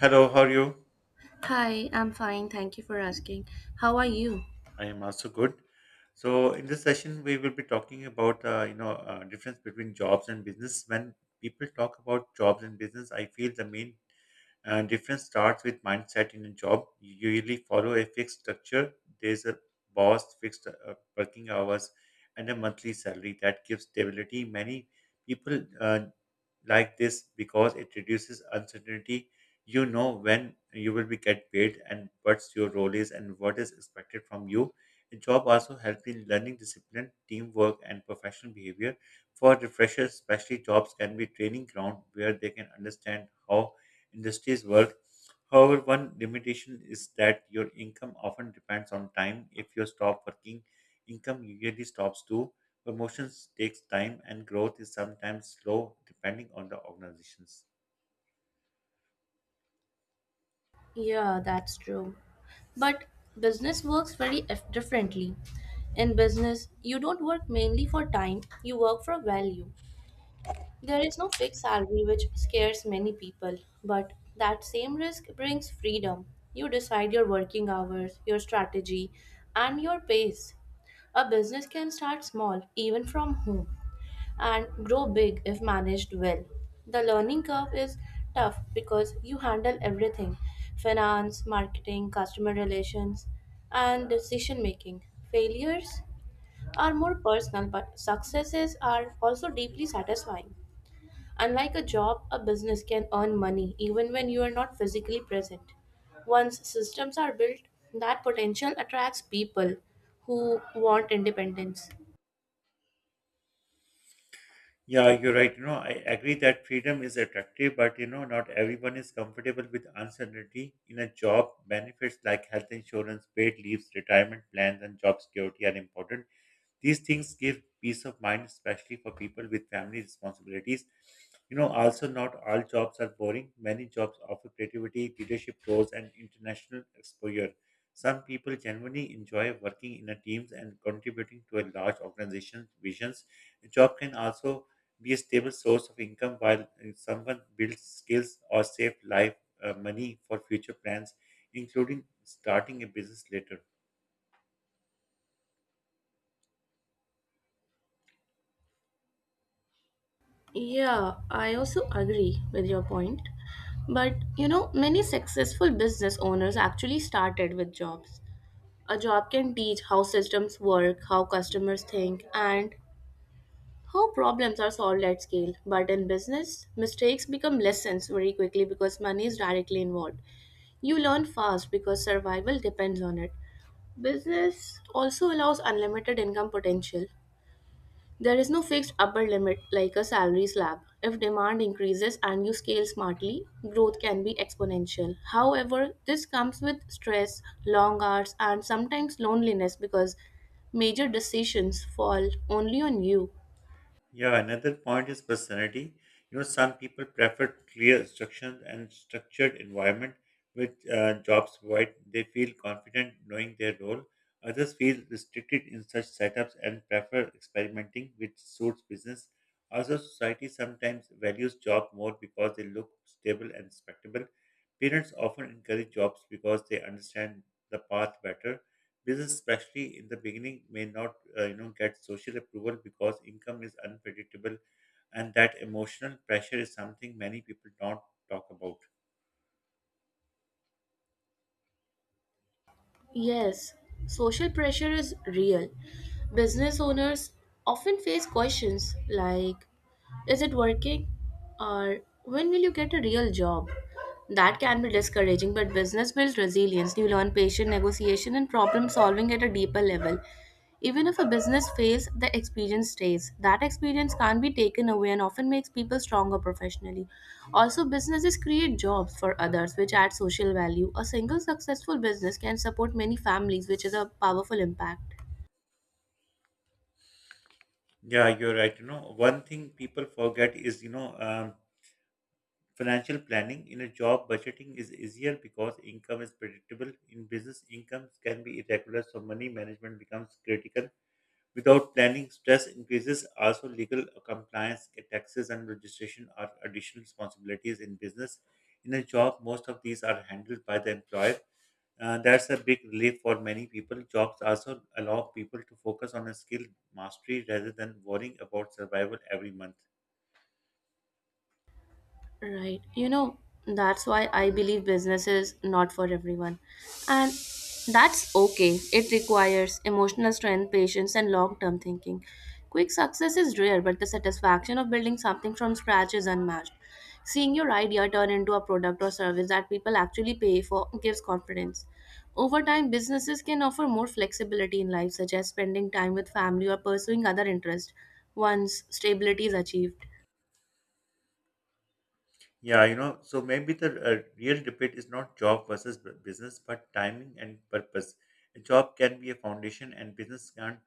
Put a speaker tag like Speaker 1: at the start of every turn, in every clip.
Speaker 1: Hello, how are you?
Speaker 2: Hi, I'm fine. Thank you for asking. How are you?
Speaker 1: I am also good. So, in this session, we will be talking about difference between jobs and business. When people talk about jobs and business, I feel the main difference starts with mindset in a job. You usually follow a fixed structure. There's a boss, fixed working hours, and a monthly salary that gives stability. Many people like this because it reduces uncertainty. You know when you will be get paid and what's your role is and what is expected from you. A job also helps in learning discipline, teamwork, and professional behavior. For the freshers, especially, jobs can be training ground where they can understand how industries work. However, one limitation is that your income often depends on time. If you stop working, income usually stops too. Promotions takes time and growth is sometimes slow depending on the organizations.
Speaker 2: Yeah, that's true. But business works very differently. In business, you don't work mainly for time, you work for value. There is no fixed salary, which scares many people, but that same risk brings freedom. You decide your working hours, your strategy, and your pace. A business can start small, even from home, and grow big if managed well. The learning curve is tough because you handle everything: finance, marketing, customer relations, and decision making. Failures are more personal, but successes are also deeply satisfying. Unlike a job, a business can earn money even when you are not physically present. Once systems are built, that potential attracts people who want independence.
Speaker 1: Yeah, you're right. I agree that freedom is attractive, but not everyone is comfortable with uncertainty in a job. Benefits like health insurance, paid leaves, retirement plans, and job security are important. These things give peace of mind, especially for people with family responsibilities. Also, not all jobs are boring. Many jobs offer creativity, leadership roles, and international exposure. Some people genuinely enjoy working in a teams and contributing to a large organization's visions. A job can also be a stable source of income while someone builds skills or save life money for future plans, including starting a business later.
Speaker 2: Yeah, I also agree with your point. But you know, many successful business owners actually started with jobs. A job can teach how systems work, how customers think, and how problems are solved at scale. But in business, mistakes become lessons very quickly because money is directly involved. You learn fast because survival depends on it. Business also allows unlimited income potential. There is no fixed upper limit like a salary slab. If demand increases and you scale smartly, growth can be exponential. However, this comes with stress, long hours, and sometimes loneliness because major decisions fall only on you.
Speaker 1: Yeah, another point is personality. Some people prefer clear instructions and structured environment, which jobs provide. They feel confident knowing their role. Others feel restricted in such setups and prefer experimenting, which suits business. Also, society sometimes values job more because they look stable and respectable. Parents often encourage jobs because they understand the path better. This, especially in the beginning, may not get social approval because income is unpredictable, and that emotional pressure is something many people don't talk about.
Speaker 2: Yes, social pressure is real. Business owners often face questions like, is it working? Or, when will you get a real job? That can be discouraging, but business builds resilience. You learn patient negotiation and problem solving at a deeper level. Even if a business fails, the experience stays. That experience can't be taken away and often makes people stronger professionally. Also, businesses create jobs for others, which add social value. A single successful business can support many families, which is a powerful impact.
Speaker 1: Yeah, you're right. One thing people forget is, financial planning. In a job, budgeting is easier because income is predictable. In business, incomes can be irregular, so money management becomes critical. Without planning, stress increases. Also, legal compliance, taxes, and registration are additional responsibilities in business. In a job, most of these are handled by the employer. That's a big relief for many people. Jobs also allow people to focus on a skill mastery rather than worrying about survival every month.
Speaker 2: Right. You know, that's why I believe business is not for everyone. And that's okay. It requires emotional strength, patience, and long term thinking. Quick success is rare, but the satisfaction of building something from scratch is unmatched. Seeing your idea turn into a product or service that people actually pay for gives confidence. Over time, businesses can offer more flexibility in life, such as spending time with family or pursuing other interests once stability is achieved.
Speaker 1: Yeah, so maybe the real debate is not job versus business, but timing and purpose. A job can be a foundation, and business can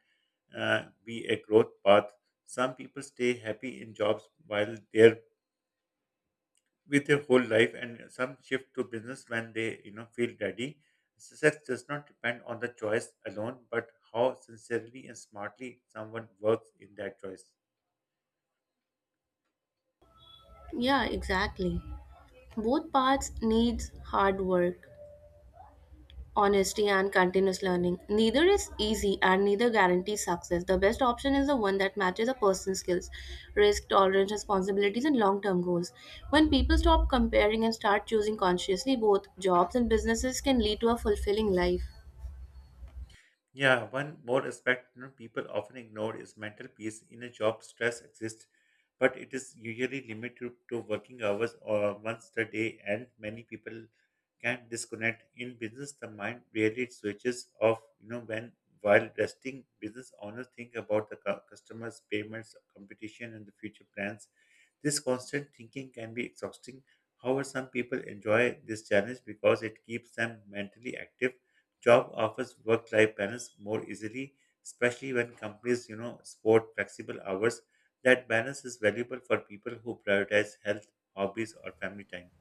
Speaker 1: be a growth path. Some people stay happy in jobs while they're with their whole life, and some shift to business when they, feel ready. Success does not depend on the choice alone, but how sincerely and smartly someone works in that choice.
Speaker 2: Yeah, exactly. Both paths needs hard work, honesty, and continuous learning. Neither is easy and neither guarantees success. The best option is the one that matches a person's skills, risk tolerance, responsibilities, and long-term goals. When people stop comparing and start choosing consciously, both jobs and businesses can lead to a fulfilling life.
Speaker 1: Yeah, one more aspect, people often ignore is mental peace. In a job, stress exists, but it is usually limited to working hours or once a day, and many people can disconnect. In business, the mind rarely switches off. When while resting, business owners think about the customers, payments, competition, and the future plans. This constant thinking can be exhausting. However, some people enjoy this challenge because it keeps them mentally active. Job offers work-life balance more easily, especially when companies, support flexible hours. That balance is valuable for people who prioritize health, hobbies, or family time.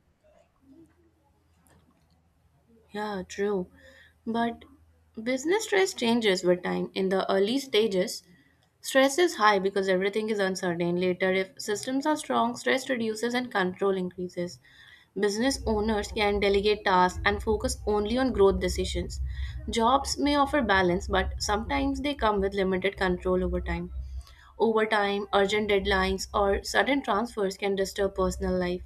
Speaker 2: Yeah, true. But business stress changes with time. In the early stages, stress is high because everything is uncertain. Later, if systems are strong, stress reduces and control increases. Business owners can delegate tasks and focus only on growth decisions. Jobs may offer balance, but sometimes they come with limited control over time. Overtime, urgent deadlines, or sudden transfers can disturb personal life.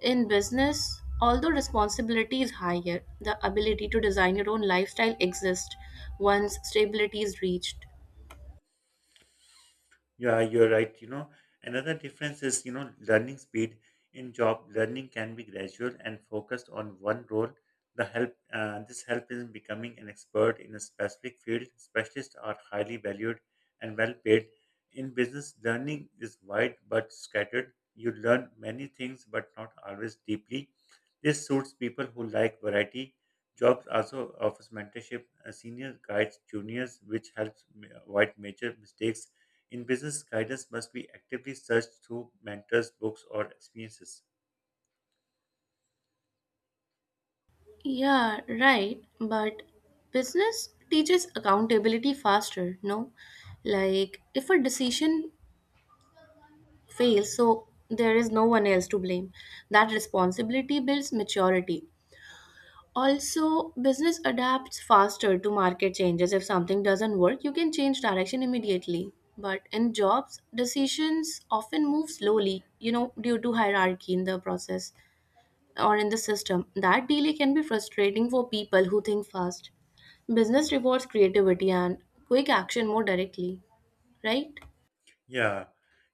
Speaker 2: In business, although responsibility is higher, the ability to design your own lifestyle exists once stability is reached.
Speaker 1: Yeah, you're right. Another difference is, learning speed. In job, learning can be gradual and focused on one role. The help this help in becoming an expert in a specific field. Specialists are highly valued and well paid. In business, learning is wide but scattered. You learn many things but not always deeply. This suits people who like variety. Jobs also offers mentorship. Senior guides juniors, which helps avoid major mistakes. In business, guidance must be actively searched through mentors, books, or experiences.
Speaker 2: Yeah, right. But business teaches accountability faster, no? Like, if a decision fails, so there is no one else to blame. That responsibility builds maturity. Also, business adapts faster to market changes. If something doesn't work, you can change direction immediately. But in jobs, decisions often move slowly, you know, due to hierarchy in the process or in the system. That delay can be frustrating for people who think fast. Business rewards creativity and quick action more directly, right?
Speaker 1: Yeah,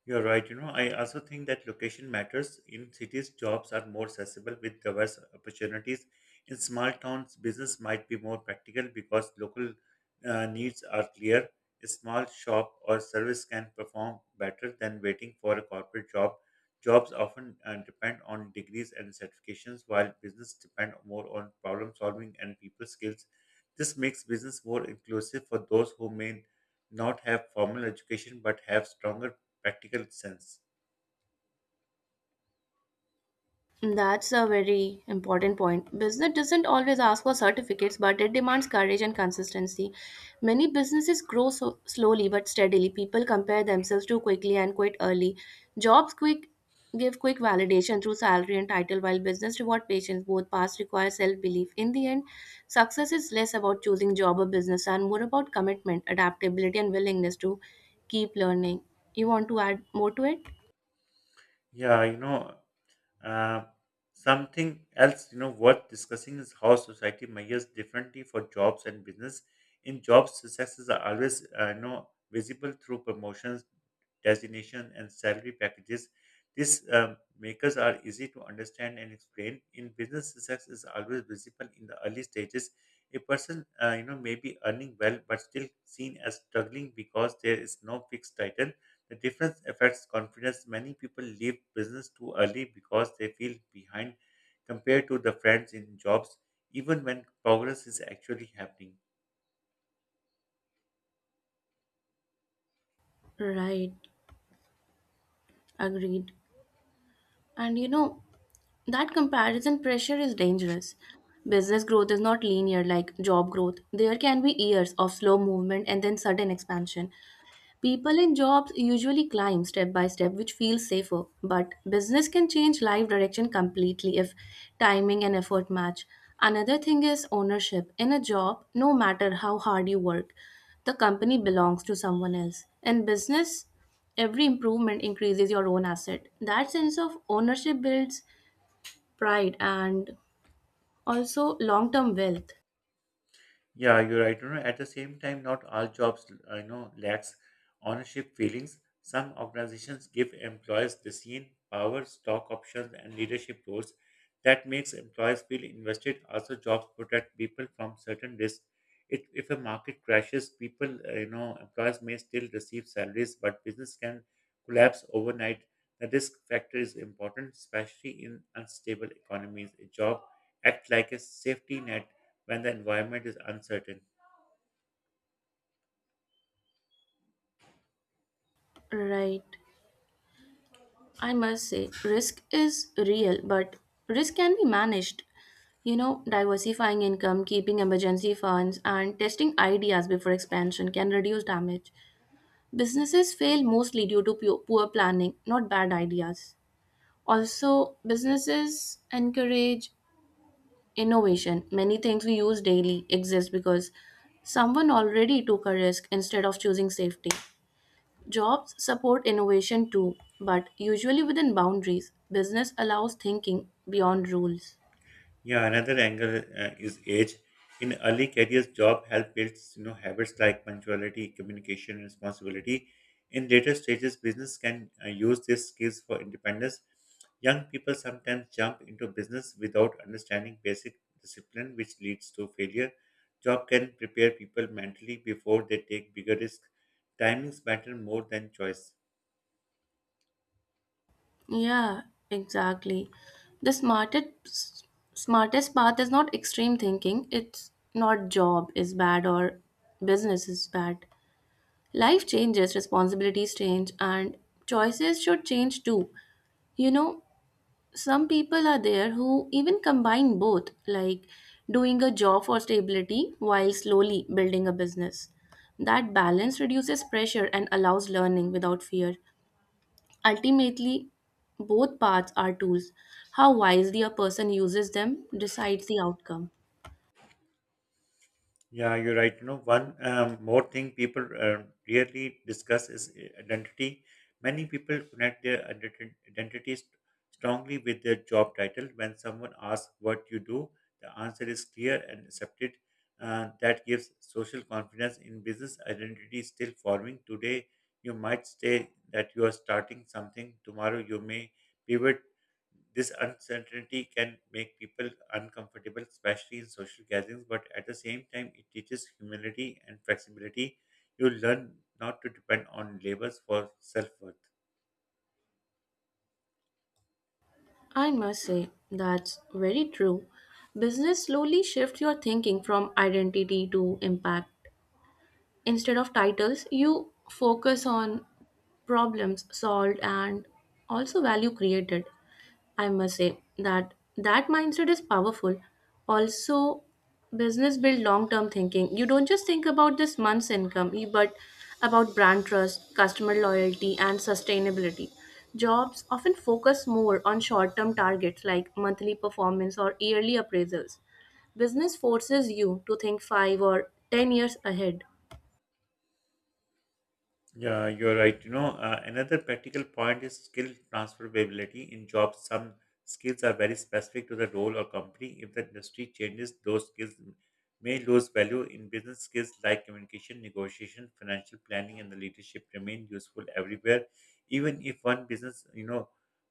Speaker 1: you're right. I also think that location matters. In cities, jobs are more accessible with diverse opportunities. In small towns, business might be more practical because local needs are clear. A small shop or service can perform better than waiting for a corporate job. Jobs often depend on degrees and certifications, while business depend more on problem solving and people skills. This makes business more inclusive for those who may not have formal education but have stronger practical sense.
Speaker 2: That's a very important point. Business doesn't always ask for certificates, but it demands courage and consistency. Many businesses grow so slowly but steadily. People compare themselves too quickly and quit early. Jobs quick give quick validation through salary and title, while business reward patience. Both paths require self-belief. In the end, success is less about choosing job or business and more about commitment, adaptability, and willingness to keep learning. You want to add more to it?
Speaker 1: Yeah, you know, Uh, Something else, worth discussing is how society measures differently for jobs and business. In jobs, successes are always, visible through promotions, designation, and salary packages. These makers are easy to understand and explain. In business, success is always visible in the early stages. A person, may be earning well but still seen as struggling because there is no fixed title. The difference affects confidence. Many people leave business too early because they feel behind compared to the friends in jobs, even when progress is actually happening.
Speaker 2: Right, agreed. And you know, that comparison pressure is dangerous. Business growth is not linear like job growth. There can be years of slow movement and then sudden expansion. People in jobs usually climb step by step, which feels safer. But business can change life direction completely if timing and effort match. Another thing is ownership. In a job, no matter how hard you work, the company belongs to someone else. In business, every improvement increases your own asset. That sense of ownership builds pride and also long term wealth.
Speaker 1: Yeah, you're right. At the same time, not all jobs, lacks ownership feelings. Some organizations give employees the scene, power, stock options, and leadership roles. That makes employees feel invested. Also, jobs protect people from certain risks. It, if a market crashes, people, employees may still receive salaries, but business can collapse overnight. The risk factor is important, especially in unstable economies. A job acts like a safety net when the environment is uncertain.
Speaker 2: Right. I must say, risk is real, but risk can be managed. You know, diversifying income, keeping emergency funds, and testing ideas before expansion can reduce damage. Businesses fail mostly due to poor planning, not bad ideas. Also, businesses encourage innovation. Many things we use daily exist because someone already took a risk instead of choosing safety. Jobs support innovation too, but usually within boundaries. Business allows thinking beyond rules.
Speaker 1: Yeah, another angle is age. In early careers, job help builds, you know, habits like punctuality, communication, responsibility. In later stages, business can use these skills for independence. Young people sometimes jump into business without understanding basic discipline, which leads to failure. Job can prepare people mentally before they take bigger risks. Timings matter more than choice.
Speaker 2: Yeah, exactly. The smartest path is not extreme thinking. It's not job is bad or business is bad. Life changes, responsibilities change, and choices should change too. You know, some people are there who even combine both, like doing a job for stability while slowly building a business. That balance reduces pressure and allows learning without fear. Ultimately, both paths are tools. How wisely a person uses them decides the outcome.
Speaker 1: Yeah, you're right. One more thing people rarely discuss is identity. Many people connect their identities strongly with their job title. When someone asks what you do, the answer is clear and accepted. That gives social confidence. In business, identity is still forming. Today, you might say that you are starting something. Tomorrow, you may pivot. This uncertainty can make people uncomfortable, especially in social gatherings, but at the same time, it teaches humility and flexibility. You learn not to depend on labels for self worth.
Speaker 2: I must say, that's very true. Business slowly shifts your thinking from identity to impact. Instead of titles, you focus on problems solved and also value created. I must say that that mindset is powerful. Also, business build long term thinking. You don't just think about this month's income, but about brand trust, customer loyalty, and sustainability. Jobs often focus more on short term targets like monthly performance or yearly appraisals. Business forces you to think 5 or 10 years ahead.
Speaker 1: Yeah, you're right. Another practical point is skill transferability in jobs. Some skills are very specific to the role or company. If the industry changes, those skills may lose value. In business, skills like communication, negotiation, financial planning, and the leadership remain useful everywhere. Even if one business, you know,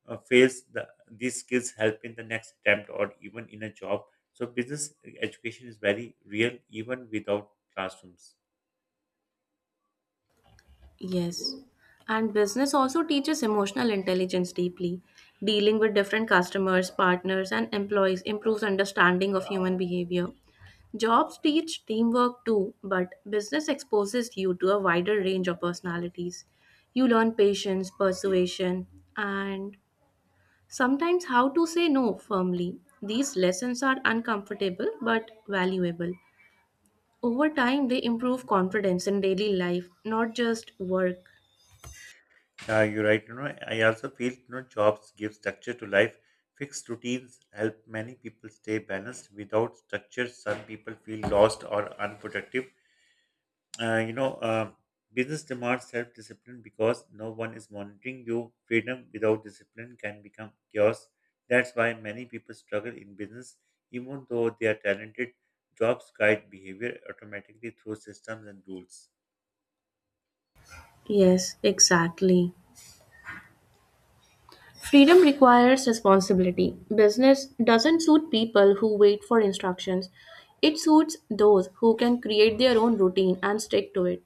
Speaker 1: uh, fails, these skills help in the next attempt or even in a job. So, business education is very real, even without classrooms.
Speaker 2: Yes. And business also teaches emotional intelligence deeply. Dealing with different customers, partners, and employees improves understanding of human behavior. Jobs teach teamwork too, but business exposes you to a wider range of personalities. You learn patience, persuasion, and sometimes how to say no firmly. These lessons are uncomfortable but valuable. Over time, they improve confidence in daily life, not just work.
Speaker 1: Yeah, you're right. I also feel, you know, jobs give structure to life. Fixed routines help many people stay balanced. Without structure, some people feel lost or unproductive. Uh, you know, um business demands self-discipline because no one is monitoring you. Freedom without discipline can become chaos. That's why many people struggle in business, even though they are talented. Jobs guide behavior automatically through systems and rules.
Speaker 2: Yes, exactly. Freedom requires responsibility. Business doesn't suit people who wait for instructions. It suits those who can create their own routine and stick to it.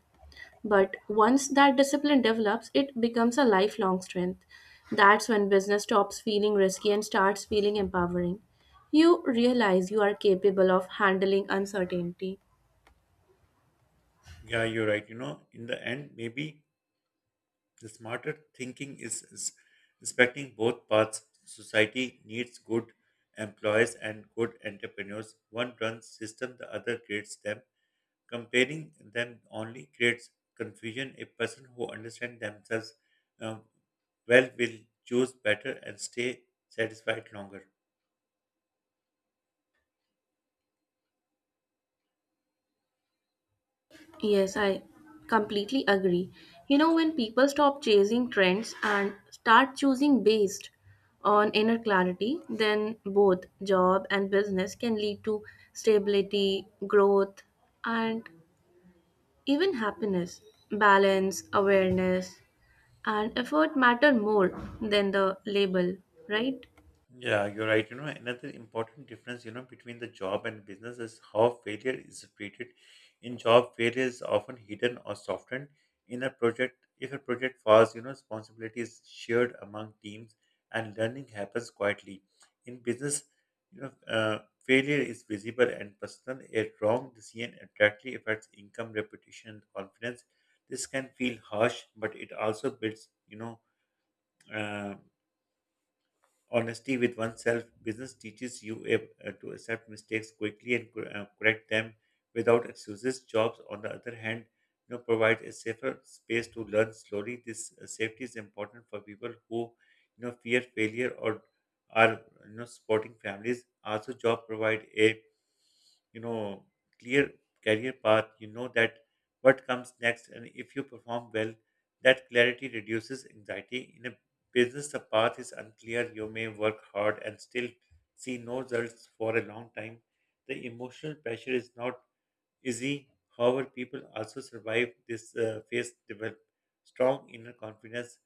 Speaker 2: But once that discipline develops, it becomes a lifelong strength. That's when business stops feeling risky and starts feeling empowering. You realize you are capable of handling uncertainty.
Speaker 1: Yeah, you're right. In the end, maybe the smarter thinking is respecting both paths. Society needs good employees and good entrepreneurs. One runs system, the other creates them. Comparing them only creates confusion. A person who understands themselves um, well will choose better and stay satisfied longer.
Speaker 2: Yes, I completely agree. You know, when people stop chasing trends and start choosing based on inner clarity, then both job and business can lead to stability, growth, and even happiness. Balance, awareness, and effort matter more than the label, right?
Speaker 1: Yeah, you're right. Another important difference, between the job and business is how failure is treated. In job, failure is often hidden or softened. In a project, if a project falls, responsibility is shared among teams and learning happens quietly. In business, you know, uh, failure is visible and personal. A wrong decision directly affects income, reputation, and confidence. This can feel harsh, but it also builds, uh, honesty with oneself. Business teaches you to accept mistakes quickly and correct them without excuses. Jobs, on the other hand, provide a safer space to learn slowly. This safety is important for people who, fear failure or are, you know, supporting families. Also, job provide a you know clear career path, that what comes next, and if you perform well, that clarity reduces anxiety. In a business, the path is unclear. You may work hard and still see no results for a long time. The emotional pressure is not easy. However, people also survive this phase develop strong inner confidence.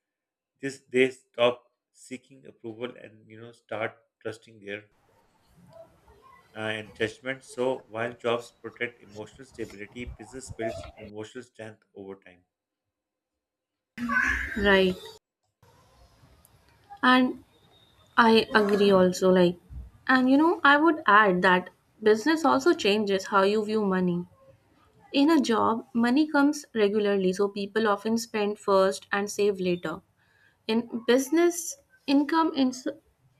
Speaker 1: This they stop seeking approval and start trusting their and judgment. So while jobs protect emotional stability, business builds emotional strength over time.
Speaker 2: Right. And I agree also, like, and you know, I would add that business also changes how you view money. In a job, money comes regularly, so people often spend first and save later. In business, income ins-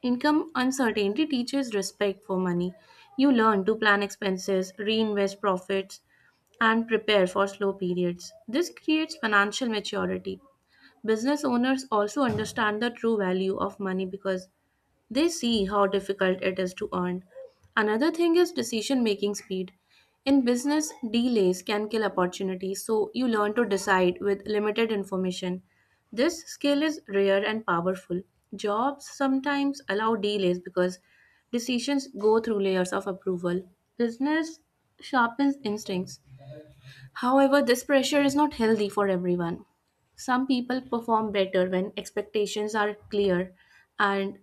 Speaker 2: income uncertainty teaches respect for money. You learn to plan expenses, reinvest profits, and prepare for slow periods. This creates financial maturity. Business owners also understand the true value of money because they see how difficult it is to earn. Another thing is decision making speed. In business, delays can kill opportunities, so you learn to decide with limited information. This skill is rare and powerful. Jobs sometimes allow delays because decisions go through layers of approval. Business sharpens instincts. However, this pressure is not healthy for everyone. Some people perform better when expectations are clear and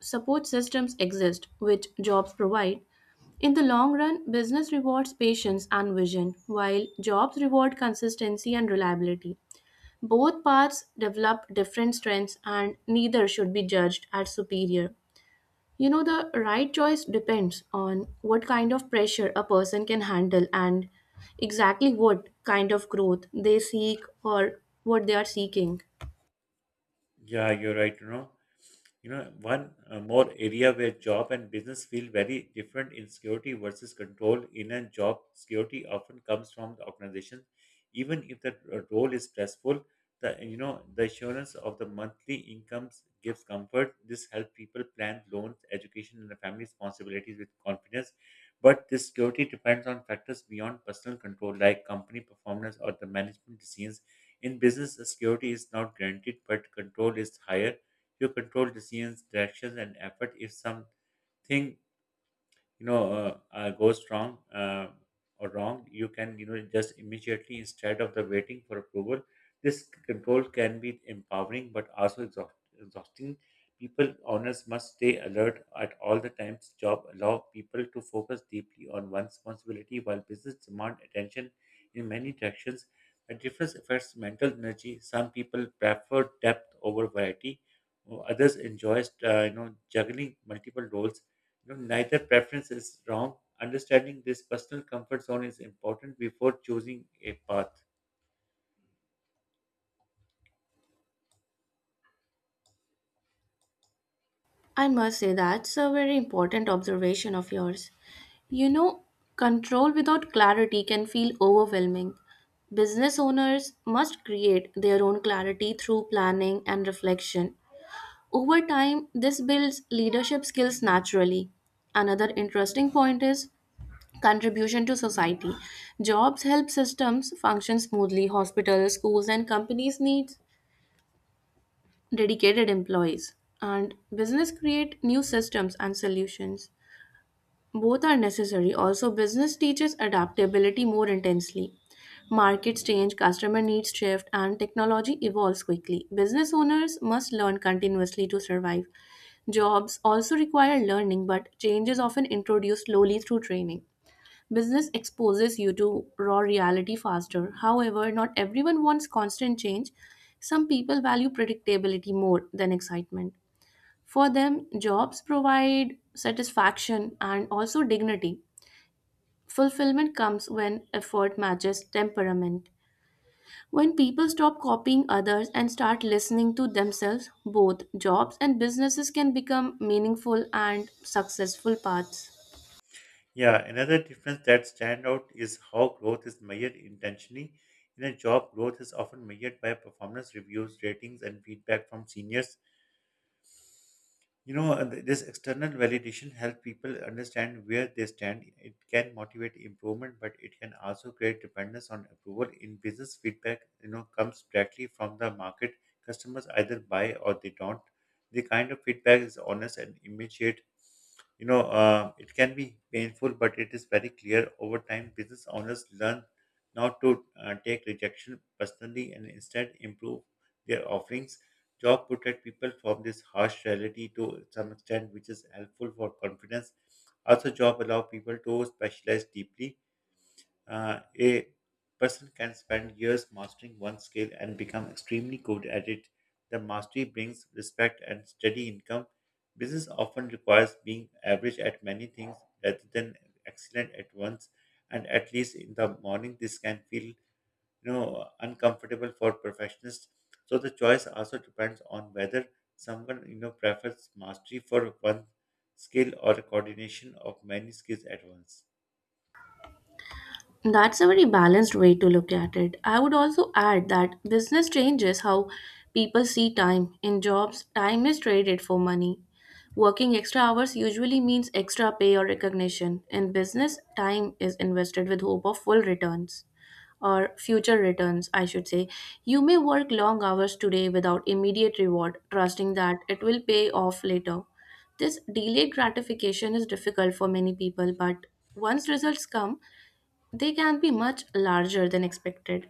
Speaker 2: support systems exist, which jobs provide. In the long run, business rewards patience and vision, while jobs reward consistency and reliability. Both paths develop different strengths, and neither should be judged as superior. You know, the right choice depends on what kind of pressure a person can handle and exactly what kind of growth they seek or what they are seeking.
Speaker 1: Yeah, you're right. One more area where job and business feel very different in security versus control. In a job, security often comes from the organization. Even if the role is stressful, the you know the assurance of the monthly incomes gives comfort. This helps people plan loans, education, and the family responsibilities with confidence. But this security depends on factors beyond personal control, like company performance or the management decisions. In business, the security is not guaranteed, but control is higher. You control decisions, directions, and effort. If something goes wrong or wrong you can just immediately instead of the waiting for approval. This control can be empowering but also exhausting. People owners must stay alert at all the times. Job allow people to focus deeply on one responsibility while business demand attention in many directions. The difference affects mental energy. Some people prefer depth over variety while others enjoy juggling multiple roles. Neither preference is wrong. Understanding this personal comfort zone is important before choosing a path.
Speaker 2: I must say that's a very important observation of yours. You know, control without clarity can feel overwhelming. Business owners must create their own clarity through planning and reflection. Over time, this builds leadership skills naturally. Another interesting point is contribution to society. Jobs help systems function smoothly. Hospitals, schools, and companies need dedicated employees. And business create new systems and solutions. Both are necessary. Also, business teaches adaptability more intensely. Markets change, customer needs shift, and technology evolves quickly. Business owners must learn continuously to survive. Jobs also require learning, but change is often introduced slowly through training. Business exposes you to raw reality faster. However, not everyone wants constant change. Some people value predictability more than excitement. For them, jobs provide satisfaction and also dignity. Fulfillment comes when effort matches temperament. When people stop copying others and start listening to themselves, both jobs and businesses can become meaningful and successful paths.
Speaker 1: Yeah, another difference that stand out is how growth is measured intentionally. In a job, growth is often measured by performance reviews, ratings, and feedback from seniors. This external validation helps people understand where they stand. It can motivate improvement, but it can also create dependence on approval. In business, feedback, comes directly from the market. Customers either buy or they don't. The kind of feedback is honest and immediate. It can be painful, but it is very clear over time. Business owners learn not to take rejection personally and instead improve their offerings. Job protect people from this harsh reality to some extent, which is helpful for confidence. Also, job allow people to specialize deeply. A person can spend years mastering one skill and become extremely good at it. The mastery brings respect and steady income. Business often requires being average at many things rather than excellent at once, and at least in the morning, this can feel uncomfortable for perfectionists. So the choice also depends on whether someone prefers mastery for one skill or coordination of many skills at once.
Speaker 2: That's a very balanced way to look at it. I would also add that business changes how people see time. In jobs, time is traded for money. Working extra hours usually means extra pay or recognition. In business, time is invested with hope of full returns, or future returns, I should say. You may work long hours today without immediate reward, trusting that it will pay off later. This delayed gratification is difficult for many people, but once results come, they can be much larger than expected.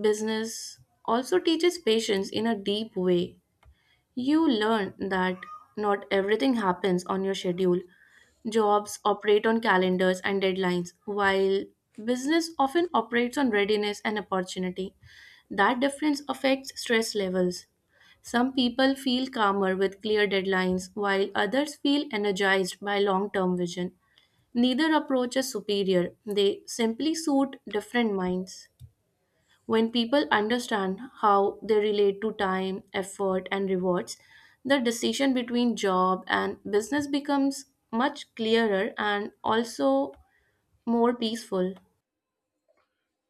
Speaker 2: Business also teaches patience in a deep way. You learn that not everything happens on your schedule. Jobs operate on calendars and deadlines, while business often operates on readiness and opportunity. That difference affects stress levels. Some people feel calmer with clear deadlines, while others feel energized by long term vision. Neither approach is superior, they simply suit different minds. When people understand how they relate to time, effort, and rewards, the decision between job and business becomes much clearer and also more peaceful.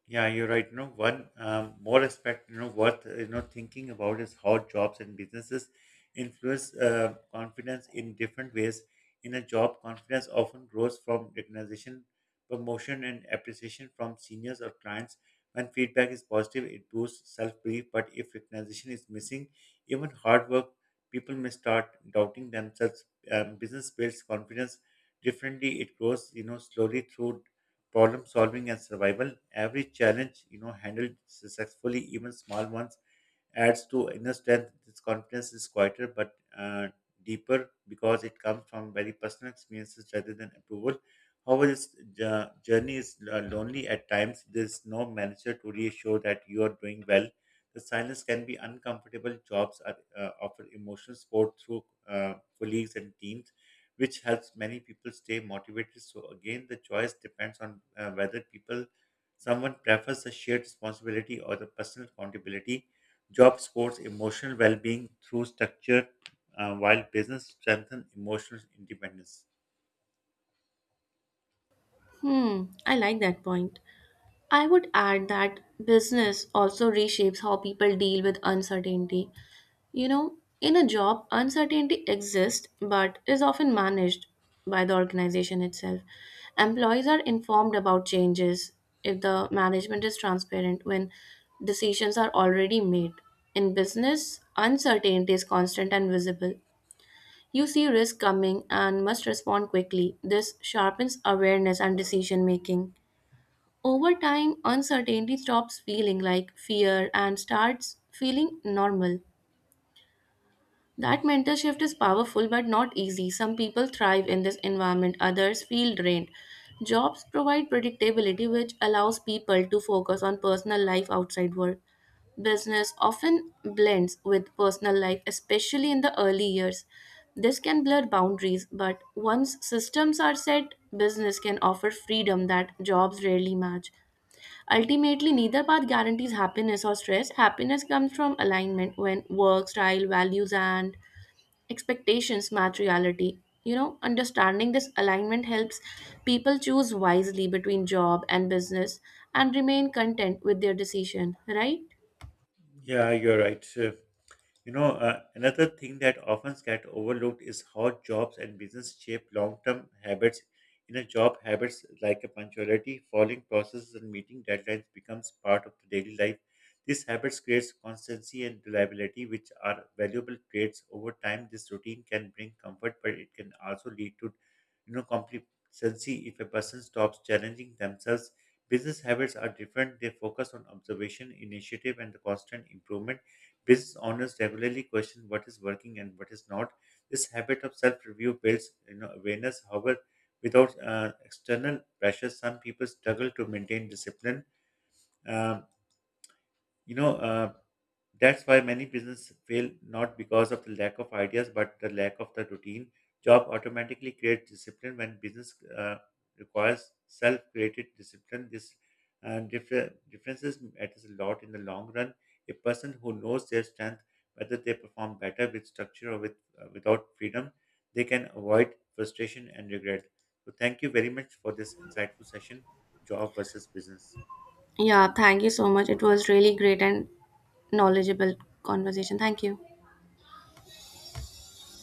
Speaker 1: Yeah, you're right. You know, one more aspect, worth thinking about is how jobs and businesses influence confidence in different ways. In a job, confidence often grows from recognition, promotion, and appreciation from seniors or clients. When feedback is positive, it boosts self-belief. But if recognition is missing, even hard work, people may start doubting themselves. Business builds confidence differently. It grows, slowly through problem solving and survival. Every challenge handled successfully, even small ones, adds to inner strength. This confidence is quieter but deeper because it comes from very personal experiences rather than approval. However, this journey is lonely at times. There's no manager to reassure that you are doing well. The silence can be uncomfortable. Jobs are, offer emotional support through colleagues and teams, which helps many people stay motivated. So again, the choice depends on whether people someone prefers the shared responsibility or the personal accountability. Job supports emotional well-being through structure, while business strengthens emotional independence.
Speaker 2: Hmm, I like that point. I would add that business also reshapes how people deal with uncertainty. You know, in a job, uncertainty exists but is often managed by the organization itself. Employees are informed about changes if the management is transparent when decisions are already made. In business, uncertainty is constant and visible. You see risk coming and must respond quickly. This sharpens awareness and decision making. Over time, uncertainty stops feeling like fear and starts feeling normal. That mental shift is powerful but not easy. Some people thrive in this environment, others feel drained. Jobs provide predictability, which allows people to focus on personal life outside work. Business often blends with personal life, especially in the early years. This can blur boundaries, but once systems are set, business can offer freedom that jobs rarely match. Ultimately, neither path guarantees happiness or stress. Happiness comes from alignment when work, style, values, and expectations match reality. You know, understanding this alignment helps people choose wisely between job and business and remain content with their decision, right?
Speaker 1: Yeah, you're right. Another thing that often gets overlooked is how jobs and business shape long-term habits. In a job, habits like a punctuality, following processes, and meeting deadlines becomes part of the daily life. These habits creates constancy and reliability, which are valuable traits. Over time, this routine can bring comfort, but it can also lead to, complacency if a person stops challenging themselves. Business habits are different. They focus on observation, initiative, and the constant improvement. Business owners regularly question what is working and what is not. This habit of self-review builds, awareness. However, without external pressure, some people struggle to maintain discipline. Um, you know uh, that's why many businesses fail, not because of the lack of ideas but the lack of the routine. Job automatically creates discipline when business uh, requires self-created discipline. This differences matters a lot in the long run. A person who knows their strength, whether they perform better with structure or with without freedom, they can avoid frustration and regret. So thank you very much for this insightful session, job versus business.
Speaker 2: Yeah, thank you so much. It was really great and knowledgeable conversation. Thank you.